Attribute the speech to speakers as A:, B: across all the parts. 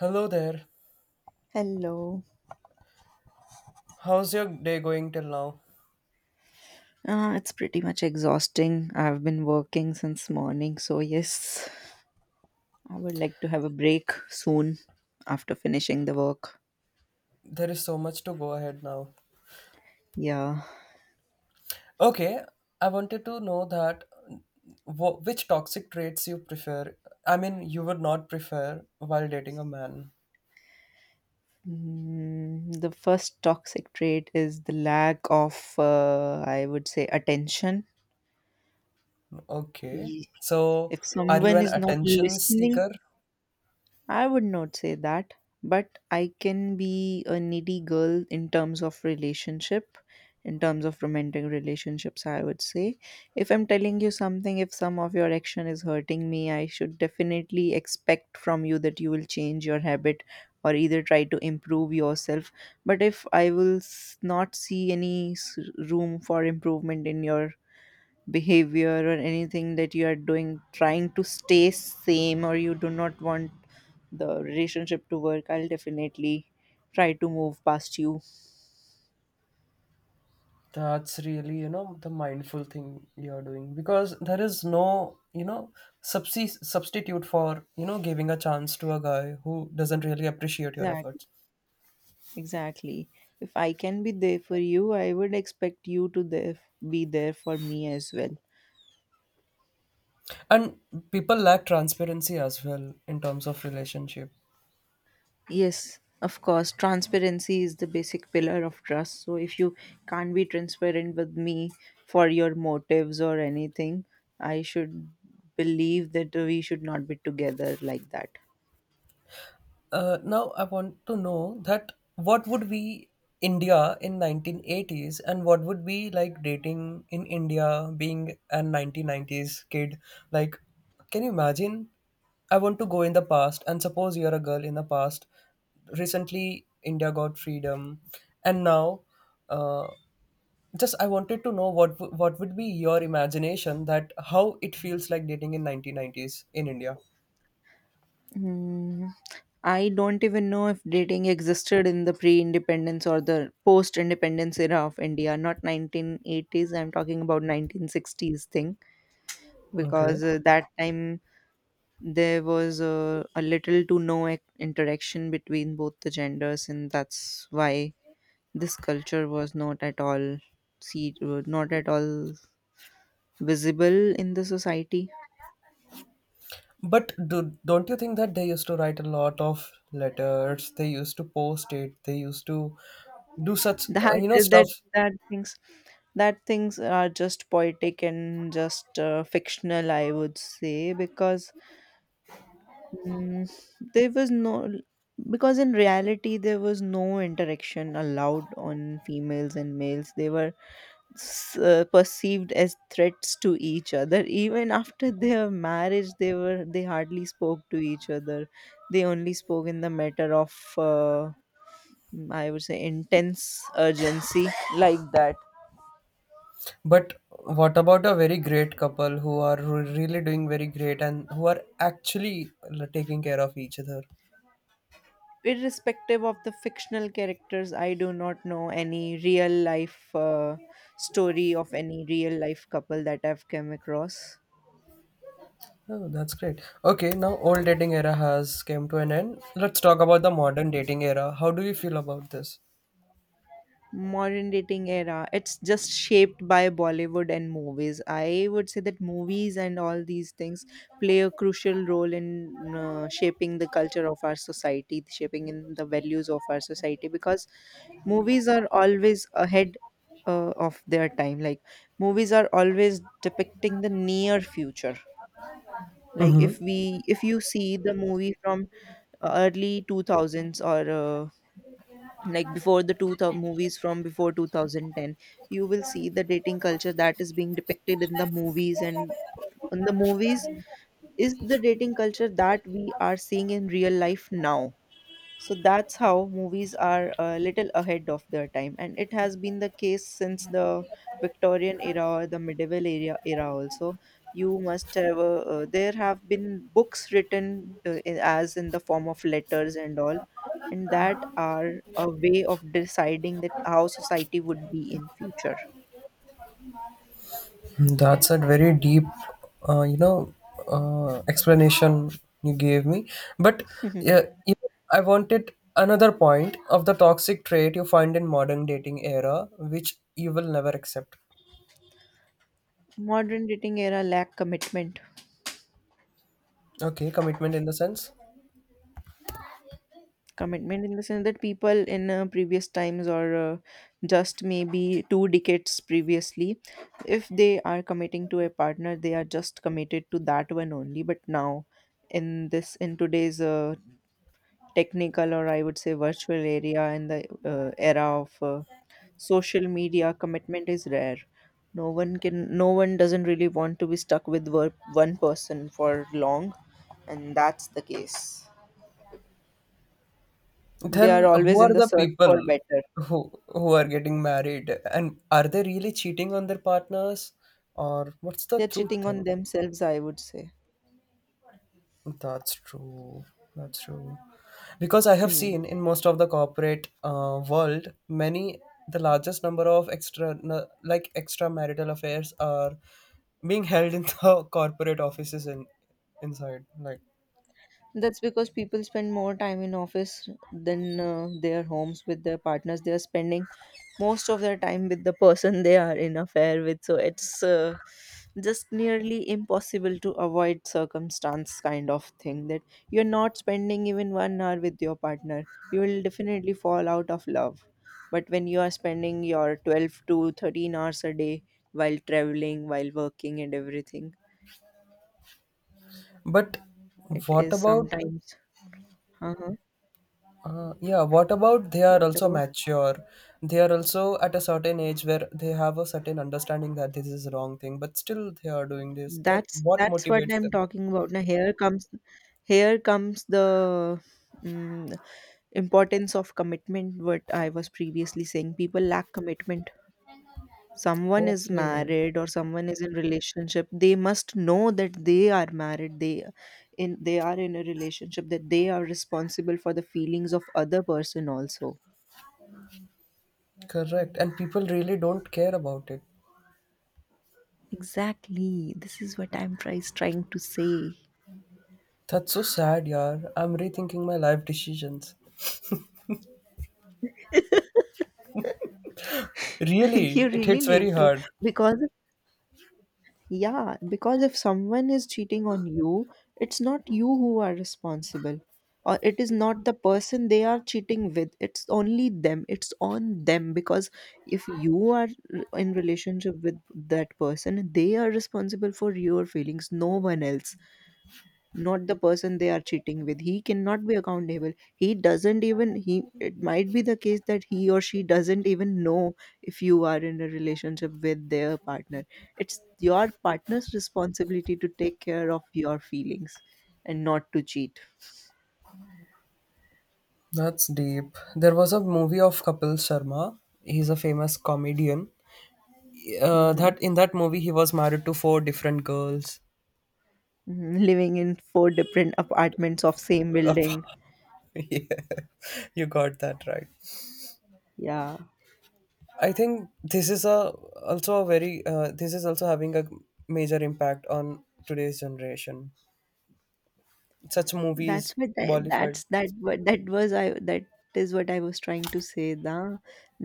A: Hello there.
B: Hello.
A: How's your day going till now?
B: It's pretty much exhausting. I've been working since morning, so yes, I would like to have a break soon after finishing the work.
A: There is so much to go ahead now.
B: Yeah.
A: Okay, I wanted to know that which toxic traits you prefer. I mean, you would not prefer while dating a man.
B: The first toxic trait is the lack of, I would say, attention.
A: Okay.
B: Ye-
A: So,
B: If
A: are you
B: someone
A: an
B: is not
A: attention
B: listening.
A: seeker?
B: I would not say that, but I can be a needy girl in terms of relationship, in terms of romantic relationships, I would say. If I'm telling you something, if some of your action is hurting me, I should definitely expect from you that you will change your habit or either try to improve yourself. But if I will not see any room for improvement in your behavior or anything that you are doing trying to stay same, or you do not want the relationship to work, I'll definitely try to move past you.
A: That's really, the mindful thing you're doing because there is no, substitute for, giving a chance to a guy who doesn't really appreciate your
B: Exactly.
A: efforts.
B: Exactly. If I can be there for you, I would expect be there for me as well.
A: And people lack transparency as well in terms of relationship.
B: Yes, of course. Transparency is the basic pillar of trust. So if you can't be transparent with me for your motives or anything, I should believe that we should not be together like that.
A: Now I want to know that what would be India in 1980s, and what would be like dating in India being a 1990s kid, like, can you imagine? I want to go in the past, and suppose you're a girl in the past. Recently India got freedom, and now, uh, just I wanted to know what what would be your imagination that how it feels like dating in 1990s in India.
B: Mm, I don't even know if dating existed in the pre independence or the post independence era of India, not 1980s. I'm talking about 1960s thing,
A: Okay.
B: because that time there was a little to no interaction between both the genders, and that's why this culture was not at all visible in the society.
A: But don't you think that they used to write a lot of letters? They used to post it. They used to do such,
B: That uh,
A: stuff.
B: that that things that things are just poetic and just fictional, I would say, because Mm, there was no, because in reality, there was no interaction allowed on females and males. They were perceived as threats to each other. Even after their marriage, they hardly spoke to each other. They only spoke in the matter of, I would say, intense urgency like that.
A: But what about a very great couple who are really doing very great, and who are actually taking care of each other?
B: Irrespective of the fictional characters, I do not know any real life story of any real life couple that I've come across.
A: Oh, that's great. Okay, now old dating era has came to an end. Let's talk about the modern dating era. How do you feel about this?
B: Modern dating era, it's just shaped by Bollywood and movies, I would say that movies and all these things play a crucial role in shaping the culture of our society, shaping in the values of our society, because movies are always ahead of their time, like movies are always depicting the near future. Like
A: Mm-hmm.
B: if you see the movie from early 2000s or like before the two thou- movies from before 2010, you will see the dating culture that is being depicted in the movies, and in the movies is the dating culture that we are seeing in real life now. So that's how movies are a little ahead of their time, and it has been the case since the Victorian era or the medieval era also, you must have there have been books written as in the form of letters and all, and that are a way of deciding that how society would be in future.
A: That's a very deep, uh, you know, explanation you gave me. But yeah, I wanted another point of the toxic trait you find in modern dating era, which you will never accept.
B: Modern dating era lack commitment.
A: Okay, commitment in the sense.
B: Commitment in the sense that people in previous times, or just maybe 2 decades previously, if they are committing to a partner, they are just committed to that one only. But now in this in today's technical, or I would say virtual area, and the era of social media, commitment is rare. no one can no one doesn't really want to be stuck with one person for long, and that's the case. They are
A: Then
B: always
A: who
B: in
A: are
B: the
A: the
B: search for
A: people
B: better.
A: who are getting married, and are they really cheating on their partners, or what's the
B: They're
A: truth
B: cheating
A: then?
B: on themselves, I would say.
A: That's true. That's true. Because I have
B: Hmm.
A: seen in most of the corporate, world, many the largest number of like extramarital affairs are being held in the corporate offices, in inside, like.
B: That's because people spend more time in office than their homes with their partners. They are spending most of their time with the person they are in affair with. So it's just nearly impossible to avoid circumstance kind of thing, that you're not spending even 1 hour with your partner. You will definitely fall out of love. But when you are spending your 12 to 13 hours a day while traveling, while working and everything,
A: But
B: it
A: what
B: is
A: about,
B: sometimes. Uh-huh.
A: Yeah, what about they are
B: What
A: also
B: about?
A: mature? They are also at a certain age where they have a certain understanding that this is a wrong thing, but still they are doing this. That
B: That's
A: what
B: that's what
A: motivates
B: I'm
A: them?
B: talking about. Now here comes the mm importance of commitment. What I was previously saying, people lack commitment. Someone is
A: Okay,
B: married or someone is in relationship. They must know that they are married. They are in a relationship. That they are responsible for the feelings of other person also.
A: correct. And people really don't care about it.
B: Exactly. This is what I'm tries trying to say.
A: That's so sad, yaar. I'm rethinking my life decisions. Really,
B: You
A: it
B: really
A: hits
B: need
A: very
B: to,
A: hard.
B: because, yeah, because if someone is cheating on you, it's not you who are responsible, or it is not the person they are cheating with, it's only them, it's on them, because if you are in relationship with that person, they are responsible for your feelings, no one else, not the person they are cheating with. He cannot be accountable. He doesn't even, he, it might be the case that he or she doesn't even know if you are in a relationship with their partner. It's your partner's responsibility to take care of your feelings and not to cheat.
A: That's deep. There was a movie of Kapil Sharma. He's a famous comedian.
B: Hmm.
A: That In that movie he was married to four different girls.
B: Hmm, living in four different apartments of same building.
A: Yeah, you got that right.
B: Yeah.
A: I think this is a also a very, this is also having a major impact on today's generation. Such movies, Bollywood.
B: That is what I was trying to say, da,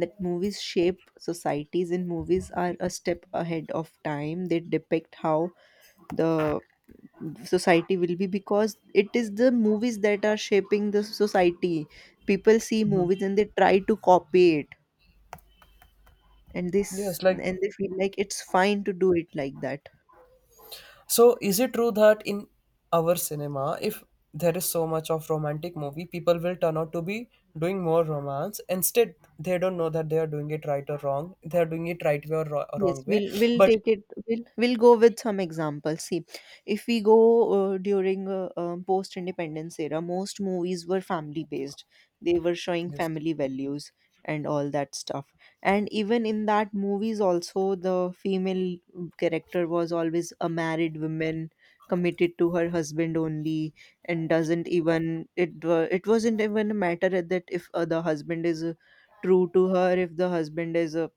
B: that movies shape societies and movies are a step ahead of time. They depict how the society will be, because it is the movies that are shaping the society. People see
A: Mhm.
B: movies and they try to copy it, and this
A: Yes,
B: and
A: like,
B: they feel like it's fine to do it like that.
A: so, is it true that in our cinema, if there is so much of romantic movie, people will turn out to be doing more romance? Instead, they don't know that they are doing it right or wrong. They are doing it right way or
B: Yes,
A: wrong way.
B: we'll
A: But
B: take it. We'll go with some examples. See, if we go during post-independence era, most movies were family-based. They were showing
A: yes.
B: family values and all that stuff. And even in that movies, also the female character was always a married woman, committed to her husband only, and doesn't even it, it wasn't even a matter that if, the husband is, true to her, if the husband is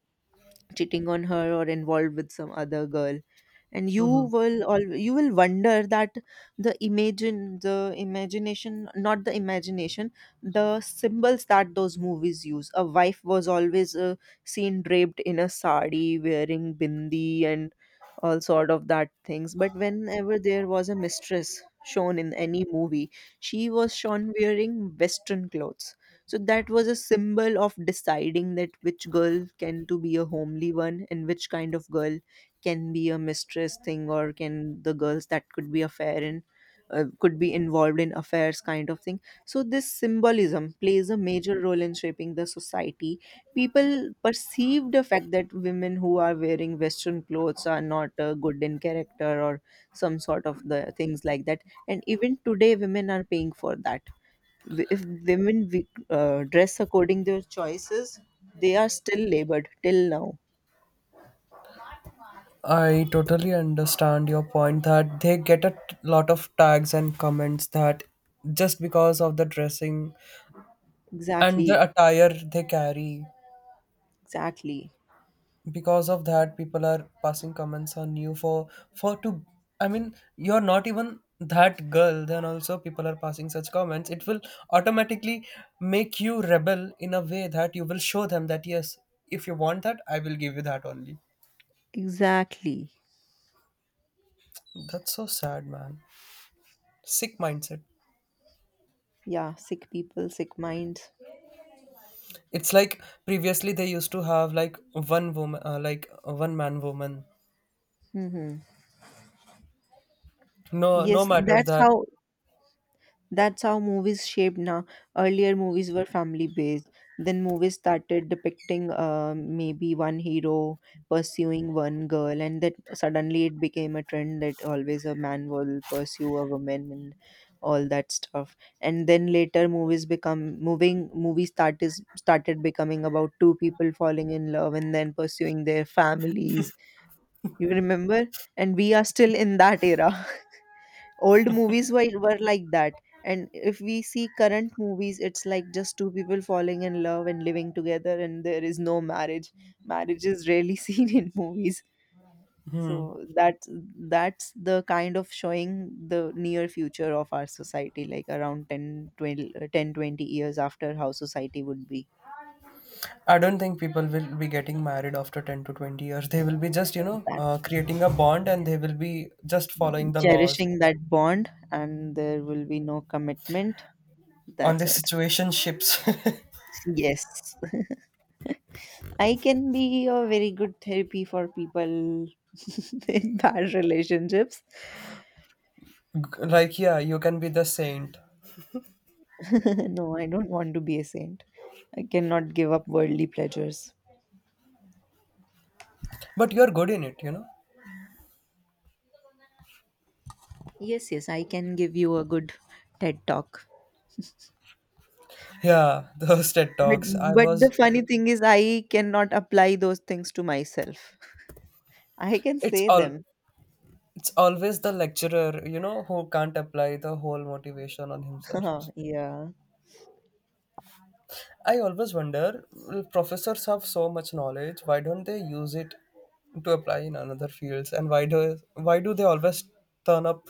B: cheating on her or involved with some other girl, and
A: Mhm.
B: you will wonder that the imagine the imagination, not the imagination, the symbols that those movies use. A wife was always seen draped in a sari wearing bindi and all sort of that things, but whenever there was a mistress shown in any movie, she was shown wearing western clothes. So that was a symbol of deciding that which girl can to be a homely one and which kind of girl can be a mistress thing, or can the girls that could be affair in, could be involved in affairs kind of thing. So this symbolism plays a major role in shaping the society. People perceive the fact that women who are wearing Western clothes are not good in character or some sort of the things like that. And even today, women are paying for that. If women dress according their choices, they are still labored till now.
A: I totally understand your point that they get a lot of tags and comments, that just because of the dressing and the
B: Exactly.
A: attire they carry,
B: Exactly.
A: because of that, people are passing comments on you for to. I mean, you're not even that girl. Then also, people are passing such comments. It will automatically make you rebel in a way that you will show them that yes, if you want that, I will give you that only.
B: Exactly.
A: That's so sad, man. Sick mindset.
B: Yeah, sick people, sick minds.
A: It's like previously they used to have like one woman, like one man woman.
B: Hmm.
A: No, no
B: Yes,
A: matters
B: that's
A: that.
B: how That's how movies shaped now. Earlier movies were family based. Then movies started depicting maybe one hero pursuing one girl, and that suddenly it became a trend that always a man will pursue a woman and all that stuff. And then later movies become moving movies start is started becoming about two people falling in love and then pursuing their families. You remember? And we are still in that era. Old movies were like that, and if we see current movies, it's like just two people falling in love and living together, and there is no marriage. Marriage is rarely seen in movies.
A: Hmm.
B: So that's the kind of showing the near future of our society, like around 10 20, 10 20 years after how society would be.
A: I don't think people will be getting married after 10 to 20 years. They will be just,
B: That's
A: creating a bond, and they will be just following the laws
B: cherishing that bond, and there will be no commitment.
A: on the
B: That's it.
A: situationships.
B: Yes. I can be a very good therapy for people in bad relationships.
A: Like, yeah, you can be the saint,
B: No, I don't want to be a saint. I cannot give up worldly pleasures.
A: but you're good in it, you know?
B: Yes, yes, I can give you a good TED talk.
A: Yeah, those TED
B: But
A: Talks. I
B: but the
A: was.
B: funny thing is I cannot apply those things to myself. I can
A: it's
B: say
A: all,
B: them.
A: it's always the lecturer, who can't apply the whole motivation on himself.
B: Yeah.
A: I always wonder, well, professors have so much knowledge, why don't they use it to apply in another fields? And why do they always turn up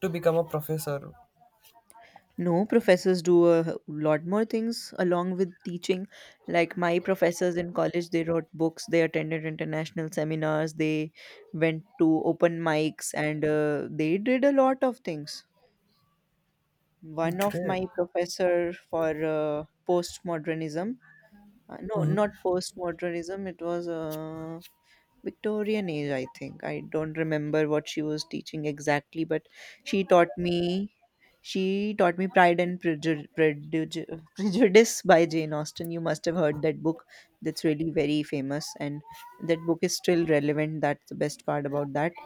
A: to become a professor?
B: No, professors do a lot more things along with teaching. Like my professors in college, they wrote books, they attended international seminars, they went to open mics, and they did a lot of things. One of
A: Great.
B: my professor for postmodernism, no,
A: Hmm.
B: not postmodernism, it was Victorian age, I think. I don't remember what she was teaching exactly, but she taught me she taught me Pride and Prejudice, Prejudice by Jane Austen. You must have heard that book. That's really very famous, and that book is still relevant. That's the best part about that.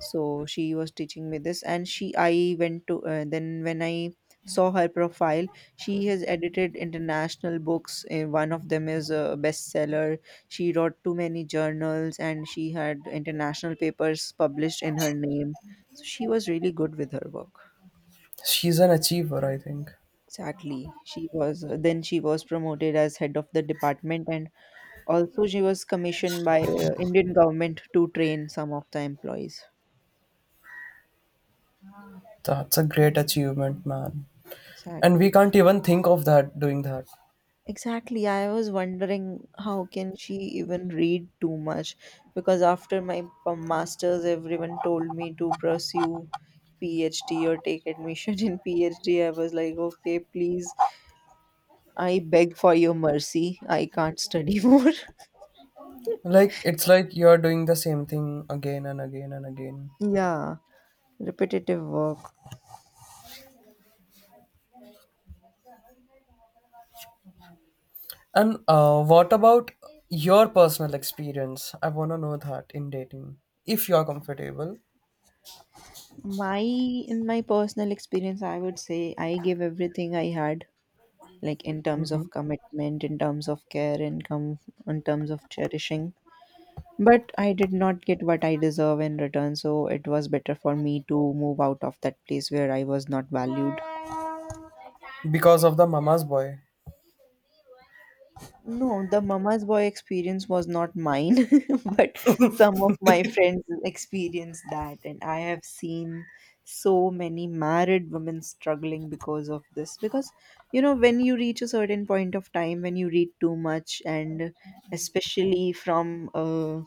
B: So she was teaching me this, and she I went to then when I saw her profile, she has edited international books. One of them is a bestseller. She wrote too many journals, and she had international papers published in her name. So she was really good with her work.
A: She's an achiever, I think.
B: Exactly. She was then she was promoted as head of the department, and also she was commissioned by Indian government to train some of the employees.
A: That's a great achievement, man. And
B: Exactly.
A: we can't even think of that doing that.
B: Exactly. I was wondering how can she even read too much, because after my masters everyone told me to pursue PhD or take admission in PhD. I was like, "Okay, please. I beg for your mercy. I can't study more."
A: Like, it's like you're doing the same thing again and again and again.
B: Yeah, repetitive work.
A: And what about your personal experience? I want to know that in dating, if you're comfortable.
B: My in my personal experience, I would say I gave everything I had, like in terms of
A: Mhm.
B: commitment, in terms of care, in in terms of cherishing. But I did not get what I deserve in return, so it was better for me to move out of that place where I was not valued.
A: Because of the mama's boy.
B: No, the mama's boy experience was not mine, but some of my friends experienced that, and I have seen so many married women struggling because of this. Because, you know, when you reach a certain point of time, when you read too much, and especially from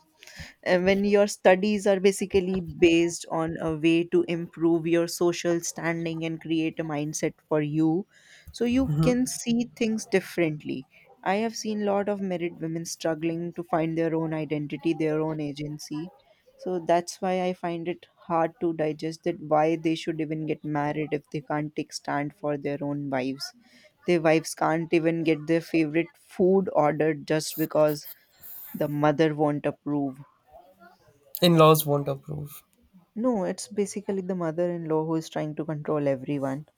B: and when your studies are basically based on a way to improve your social standing and create a mindset for you, so you can see things differently. I have seen a lot of married women struggling to find their own identity, their own agency. So that's why I find it hard to digest that why they should even get married if they can't take stand for their own wives. Their wives can't even get their favorite food ordered just because the mother won't approve.
A: In laws won't approve.
B: No, it's basically the mother-in-law who is trying to control everyone.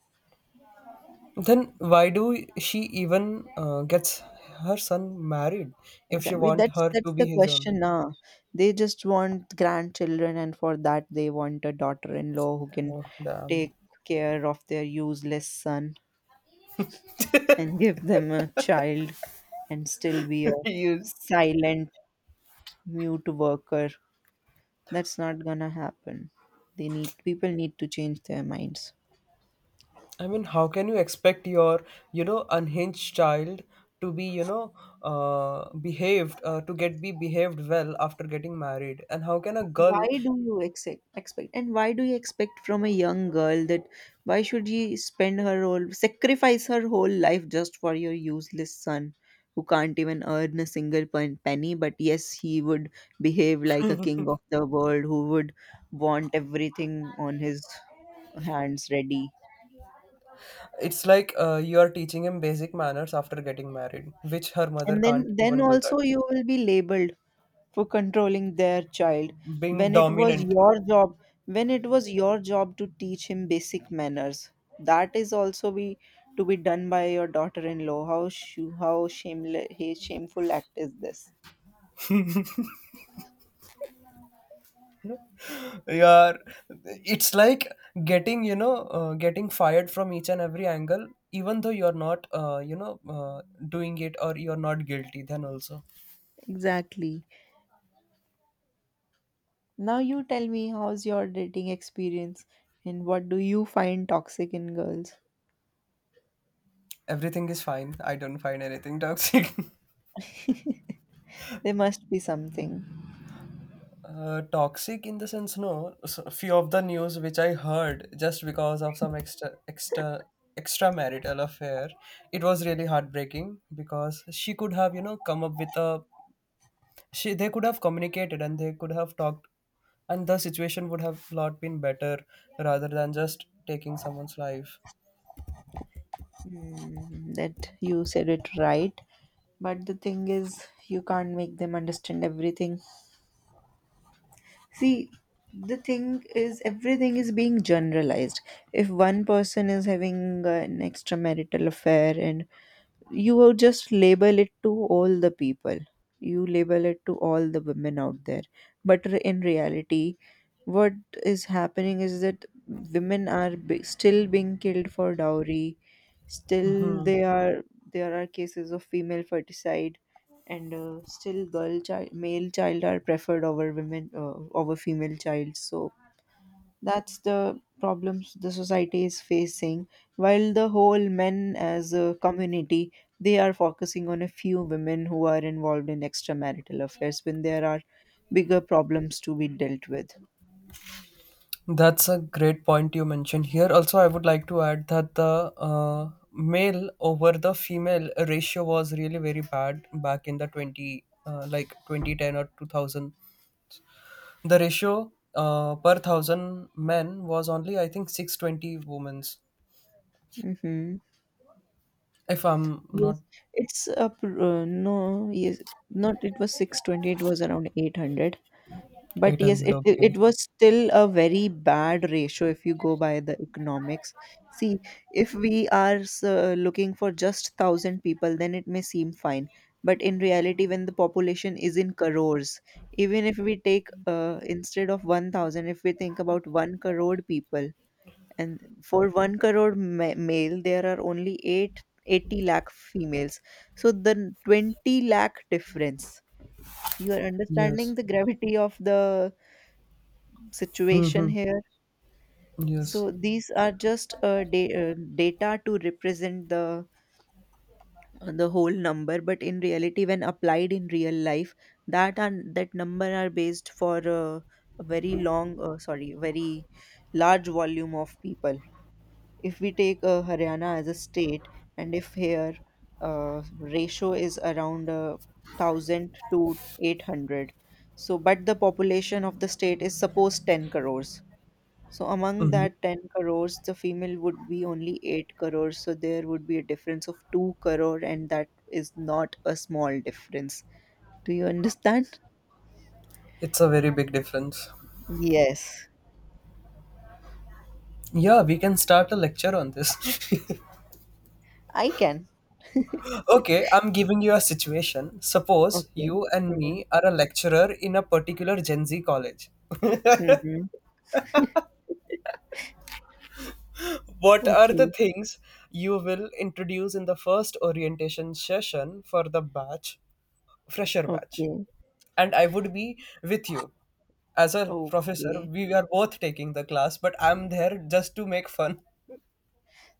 A: Then why do she even, gets her son married, if she
B: Exactly.
A: want
B: That's
A: her to
B: that's
A: be
B: the
A: his only?
B: question. Nah. They just want grandchildren, and for that they want a daughter-in-law who can
A: Oh, damn.
B: take care of their useless son and give them a child and still be a
A: you
B: silent, mute worker. That's not gonna happen. They need People need to change their minds.
A: I mean, how can you expect your, unhinged child to be, behaved, to get be behaved well after getting married? And how can a girl,
B: Why do you expect and why do you expect from a young girl that why should she spend her whole sacrifice her whole life just for your useless son, who can't even earn a single penny, but yes, he would behave like a king of the world, who would want everything on his hands ready.
A: it's like, you are teaching him basic manners after getting married, which her mother
B: And then
A: can't
B: then
A: even do that.
B: also you will be labeled for controlling their child,
A: Being
B: when it was
A: dominant.
B: your job, when it was your job to teach him basic manners. That is also be To be done by your daughter-in-law. How how shameless shameful act is this.
A: Yeah, it's like getting, getting fired from each and every angle, even though you're not, doing it, or you're not guilty, then also,
B: Exactly. Now you tell me, how's your dating experience, and what do you find toxic in girls?
A: everything is fine. I don't find anything toxic.
B: There must be something.
A: Toxic in the sense, no, so a few of the news which I heard, just because of some extramarital affair, it was really heartbreaking, because she could have, come up with a, she they could have communicated, and they could have talked, and the situation would have lot been better, rather than just taking someone's life.
B: Hmm, that you said it right. But the thing is, you can't make them understand everything. See, the thing is, everything is being generalized. If one person is having an extramarital affair, and you will just label it to all the people, you label it to all the women out there. But in reality, what is happening is that women are still being killed for dowry. Still
A: Hmm.
B: they are, there are cases of female ferticide, and still girl child, male child are preferred over women, over female child. So that's the problems the society is facing, while the whole men as a community, they are focusing on a few women who are involved in extramarital affairs, when there are bigger problems to be dealt with.
A: That's a great point you mentioned here. Also, I would like to add that the, uh, male over the female ratio was really very bad back in the 20, like 2010 or 2000. The ratio, per thousand men was only, I think, 620 women's,
B: Hmm.
A: if I'm not
B: Yes, it's a no, yes, not it was 620, it was around 800. But yes,
A: 800.
B: it
A: Okay.
B: was still a very bad ratio if you go by the economics. See, if we are looking for just 1,000 people, then it may seem fine. But in reality, when the population is in crores, even if we take instead of 1,000, if we think about one crore people, and for one crore male, there are only 880 lakh females. So the 20 lakh difference. You are
A: Yes.
B: understanding the gravity of the situation
A: Hmm.
B: here.
A: Yes.
B: So these are just data to represent the whole number, but in reality, when applied in real life, that number are based for a very large volume of people. If we take Haryana as a state, and if here ratio is around 1,000 to 800, so but the population of the state is suppose 10 crores. So among
A: Mhm.
B: that 10 crores, the female would be only 8 crores. So there would be a difference of 2 crore, and that is not a small difference. Do you understand?
A: It's a very big difference.
B: Yes,
A: Yeah, we can start a lecture on this.
B: I can.
A: Okay, I'm giving you a situation. Suppose
B: Okay.
A: you and me are a lecturer in a particular Gen Z college.
B: Mm-hmm.
A: What are the
B: Okay.
A: things you will introduce in the first orientation session for the batch, fresher batch?
B: Okay.
A: And I would be with you. As a professor,
B: Okay.
A: we are both taking the class, but I'm there just to make fun.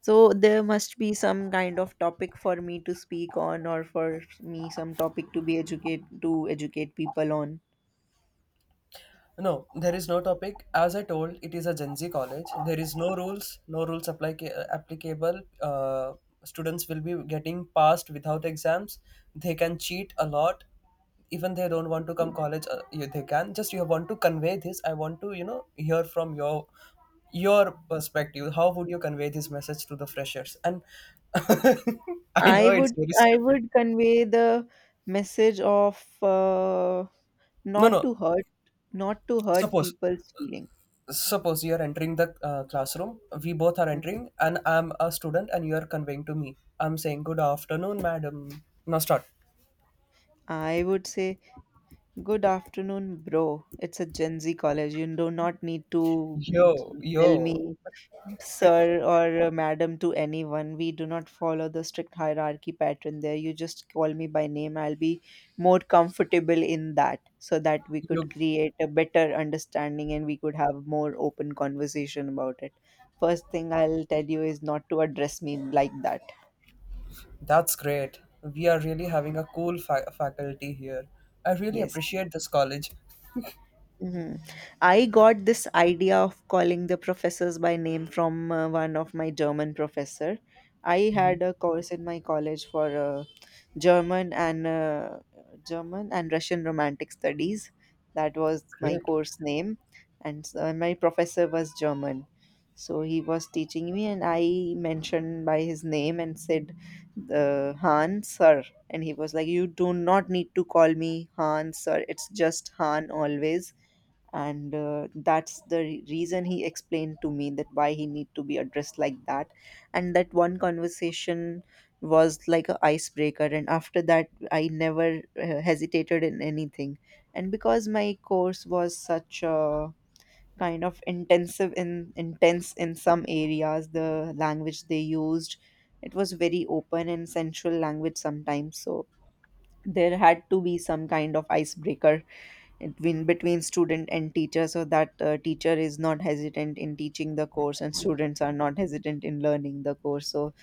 B: So there must be some kind of topic for me to speak on, or for me some topic to be educate to educate people on.
A: No, there is no topic. As I told, it is a Gen Z college. There is no rules apply applicable. Students will be getting passed without exams. They can cheat a lot. Even they don't want to come college, yeah, they can. Just you want to convey this. I want to, hear from your perspective. How would you convey this message to the freshers? And I know
B: I
A: it's
B: would
A: very
B: I
A: stupid.
B: would convey the message of
A: No,
B: not
A: no.
B: to hurt not to hurt
A: Suppose
B: people's feeling.
A: suppose you're entering the, classroom. We both are
B: Mm.
A: entering, and I'm a student, and you're conveying to me. I'm saying good afternoon madam. Now start.
B: I would say, good afternoon, bro. It's a Gen Z college. You do not need to
A: Yo
B: tell
A: yo,
B: me sir or madam to anyone. We do not follow the strict hierarchy pattern there. You just call me by name. I'll be more comfortable in that, so that we could
A: you
B: create a better understanding and we could have more open conversation about it. First thing I'll tell you is not to address me like that.
A: that's great. We are really having a cool faculty here. I really
B: Yes.
A: appreciate this college.
B: Hmm. I got this idea of calling the professors by name from one of my German professor. I
A: Mhm.
B: had a course in my college for German and uh, German and Russian Romantic Studies. That was my
A: Great.
B: course name, and so my professor was German. So he was teaching me, and I mentioned by his name and said, Han sir. And he was like, you do not need to call me Han sir. It's just Han always. And that's the reason he explained to me, that why he need to be addressed like that. And that one conversation was like a icebreaker, and after that I never hesitated in anything. And because my course was such a kind of intensive in intense in some areas, the language they used, it was very open and sensual language sometimes. So there had to be some kind of icebreaker between student and teacher, so that teacher is not hesitant in teaching the course and students are not hesitant in learning the course. So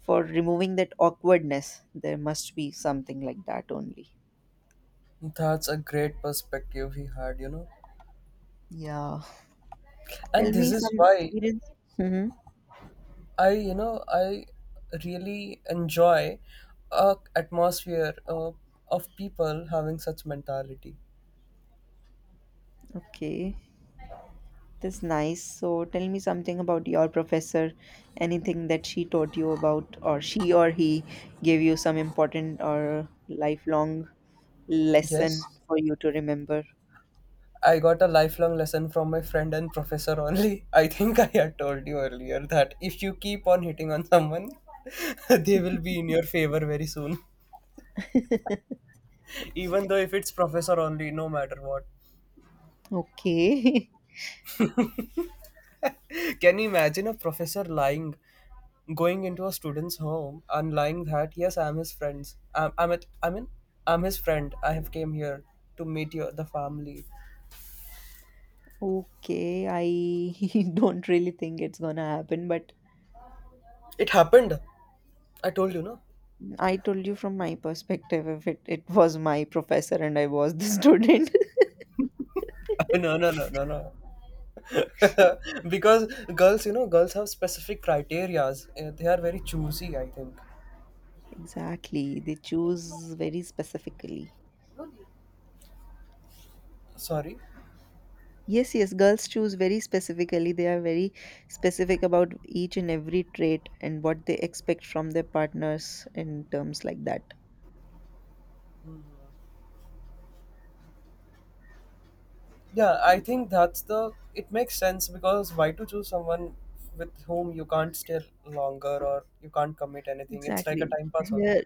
B: for removing that awkwardness, there must be something like that only.
A: That's a great perspective he had,
B: Yeah, tell
A: and
B: me
A: this is
B: some
A: why
B: experience. Hmm.
A: I you know I really enjoy a atmosphere, of people having such mentality.
B: Okay, that's nice. So tell me something about your professor, anything that she taught you about, or she or he gave you some important or lifelong lesson
A: Yes,
B: for you to remember.
A: I got a lifelong lesson from my friend and professor only. I think I had told you earlier that if you keep on hitting on someone, they will be in your favor very soon. Even though if it's professor only, no matter what.
B: Okay.
A: Can you imagine a professor lying, going into a student's home and lying that yes, I'm his friends. I mean, I'm his friend. I have came here to meet your the family.
B: Okay, I don't really think it's gonna happen, but
A: It happened. I told you no.
B: I told you from my perspective, if it was my professor and I was the student.
A: No, no, no, no, no. Because girls, girls have specific criterias. They are very choosy, I think.
B: Exactly, they choose very specifically.
A: Sorry.
B: Yes, yes, girls choose very specifically. They are very specific about each and every trait and what they expect from their partners in terms like that.
A: Yeah, I think that's the it makes sense, because why to choose someone with whom you can't stay longer, or you can't commit anything. It's like a
B: Exactly.
A: time pass only.
B: Here,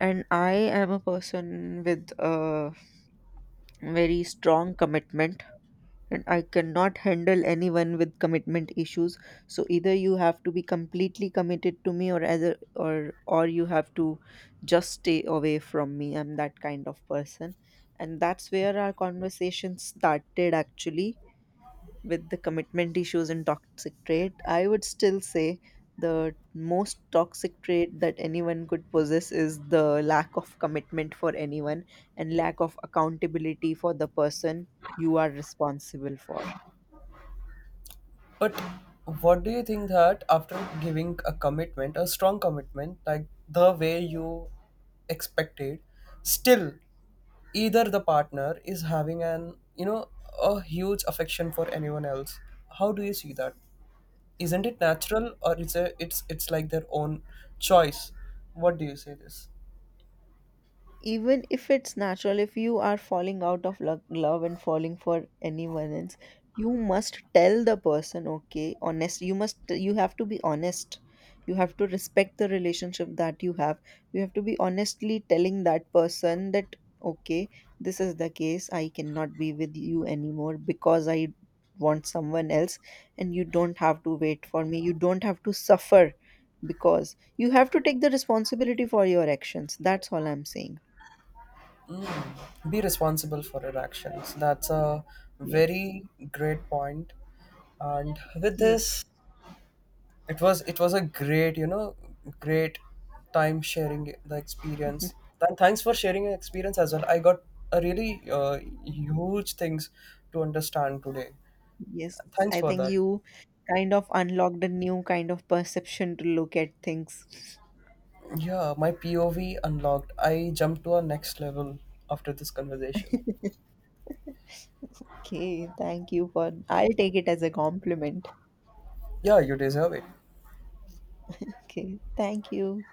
B: and I am a person with a very strong commitment, and I cannot handle anyone with commitment issues. So either you have to be completely committed to me, or either or you have to just stay away from me. I'm that kind of person. And that's where our conversation started actually, with the commitment issues and toxic trait. I would still say the most toxic trait that anyone could possess is the lack of commitment for anyone and lack of accountability for the person you are responsible for.
A: But what do you think that after giving a strong commitment, like the way you expected, still either the partner is having an you know a huge affection for anyone else, how do you see that? Isn't it natural, or it's a it's it's like their own choice? What do you say this?
B: Even if it's natural, if you are falling out of love and falling for anyone else, you must tell the person. Okay, honest you must, you have to be honest. You have to respect the relationship that you have. You have to be honestly telling that person that, okay, this is the case, I cannot be with you anymore because I want someone else, and you don't have to wait for me, you don't have to suffer. Because you have to take the responsibility for your actions. That's all I'm saying.
A: Be responsible for your actions, that's a
B: Yes,
A: very great point. And with
B: yes,
A: this, it was a great you know great time sharing the experience. Thanks for sharing your experience as well. I got a really, huge things to understand today.
B: yes.
A: Thanks
B: I
A: for
B: think
A: that.
B: you kind of unlocked a new kind of perception to look at things.
A: Yeah, my POV unlocked. I jumped to a next level after this conversation.
B: Okay, thank you for, I'll take it as a compliment.
A: Yeah, you deserve it.
B: Okay, thank you.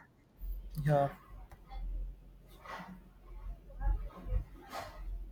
A: Yeah.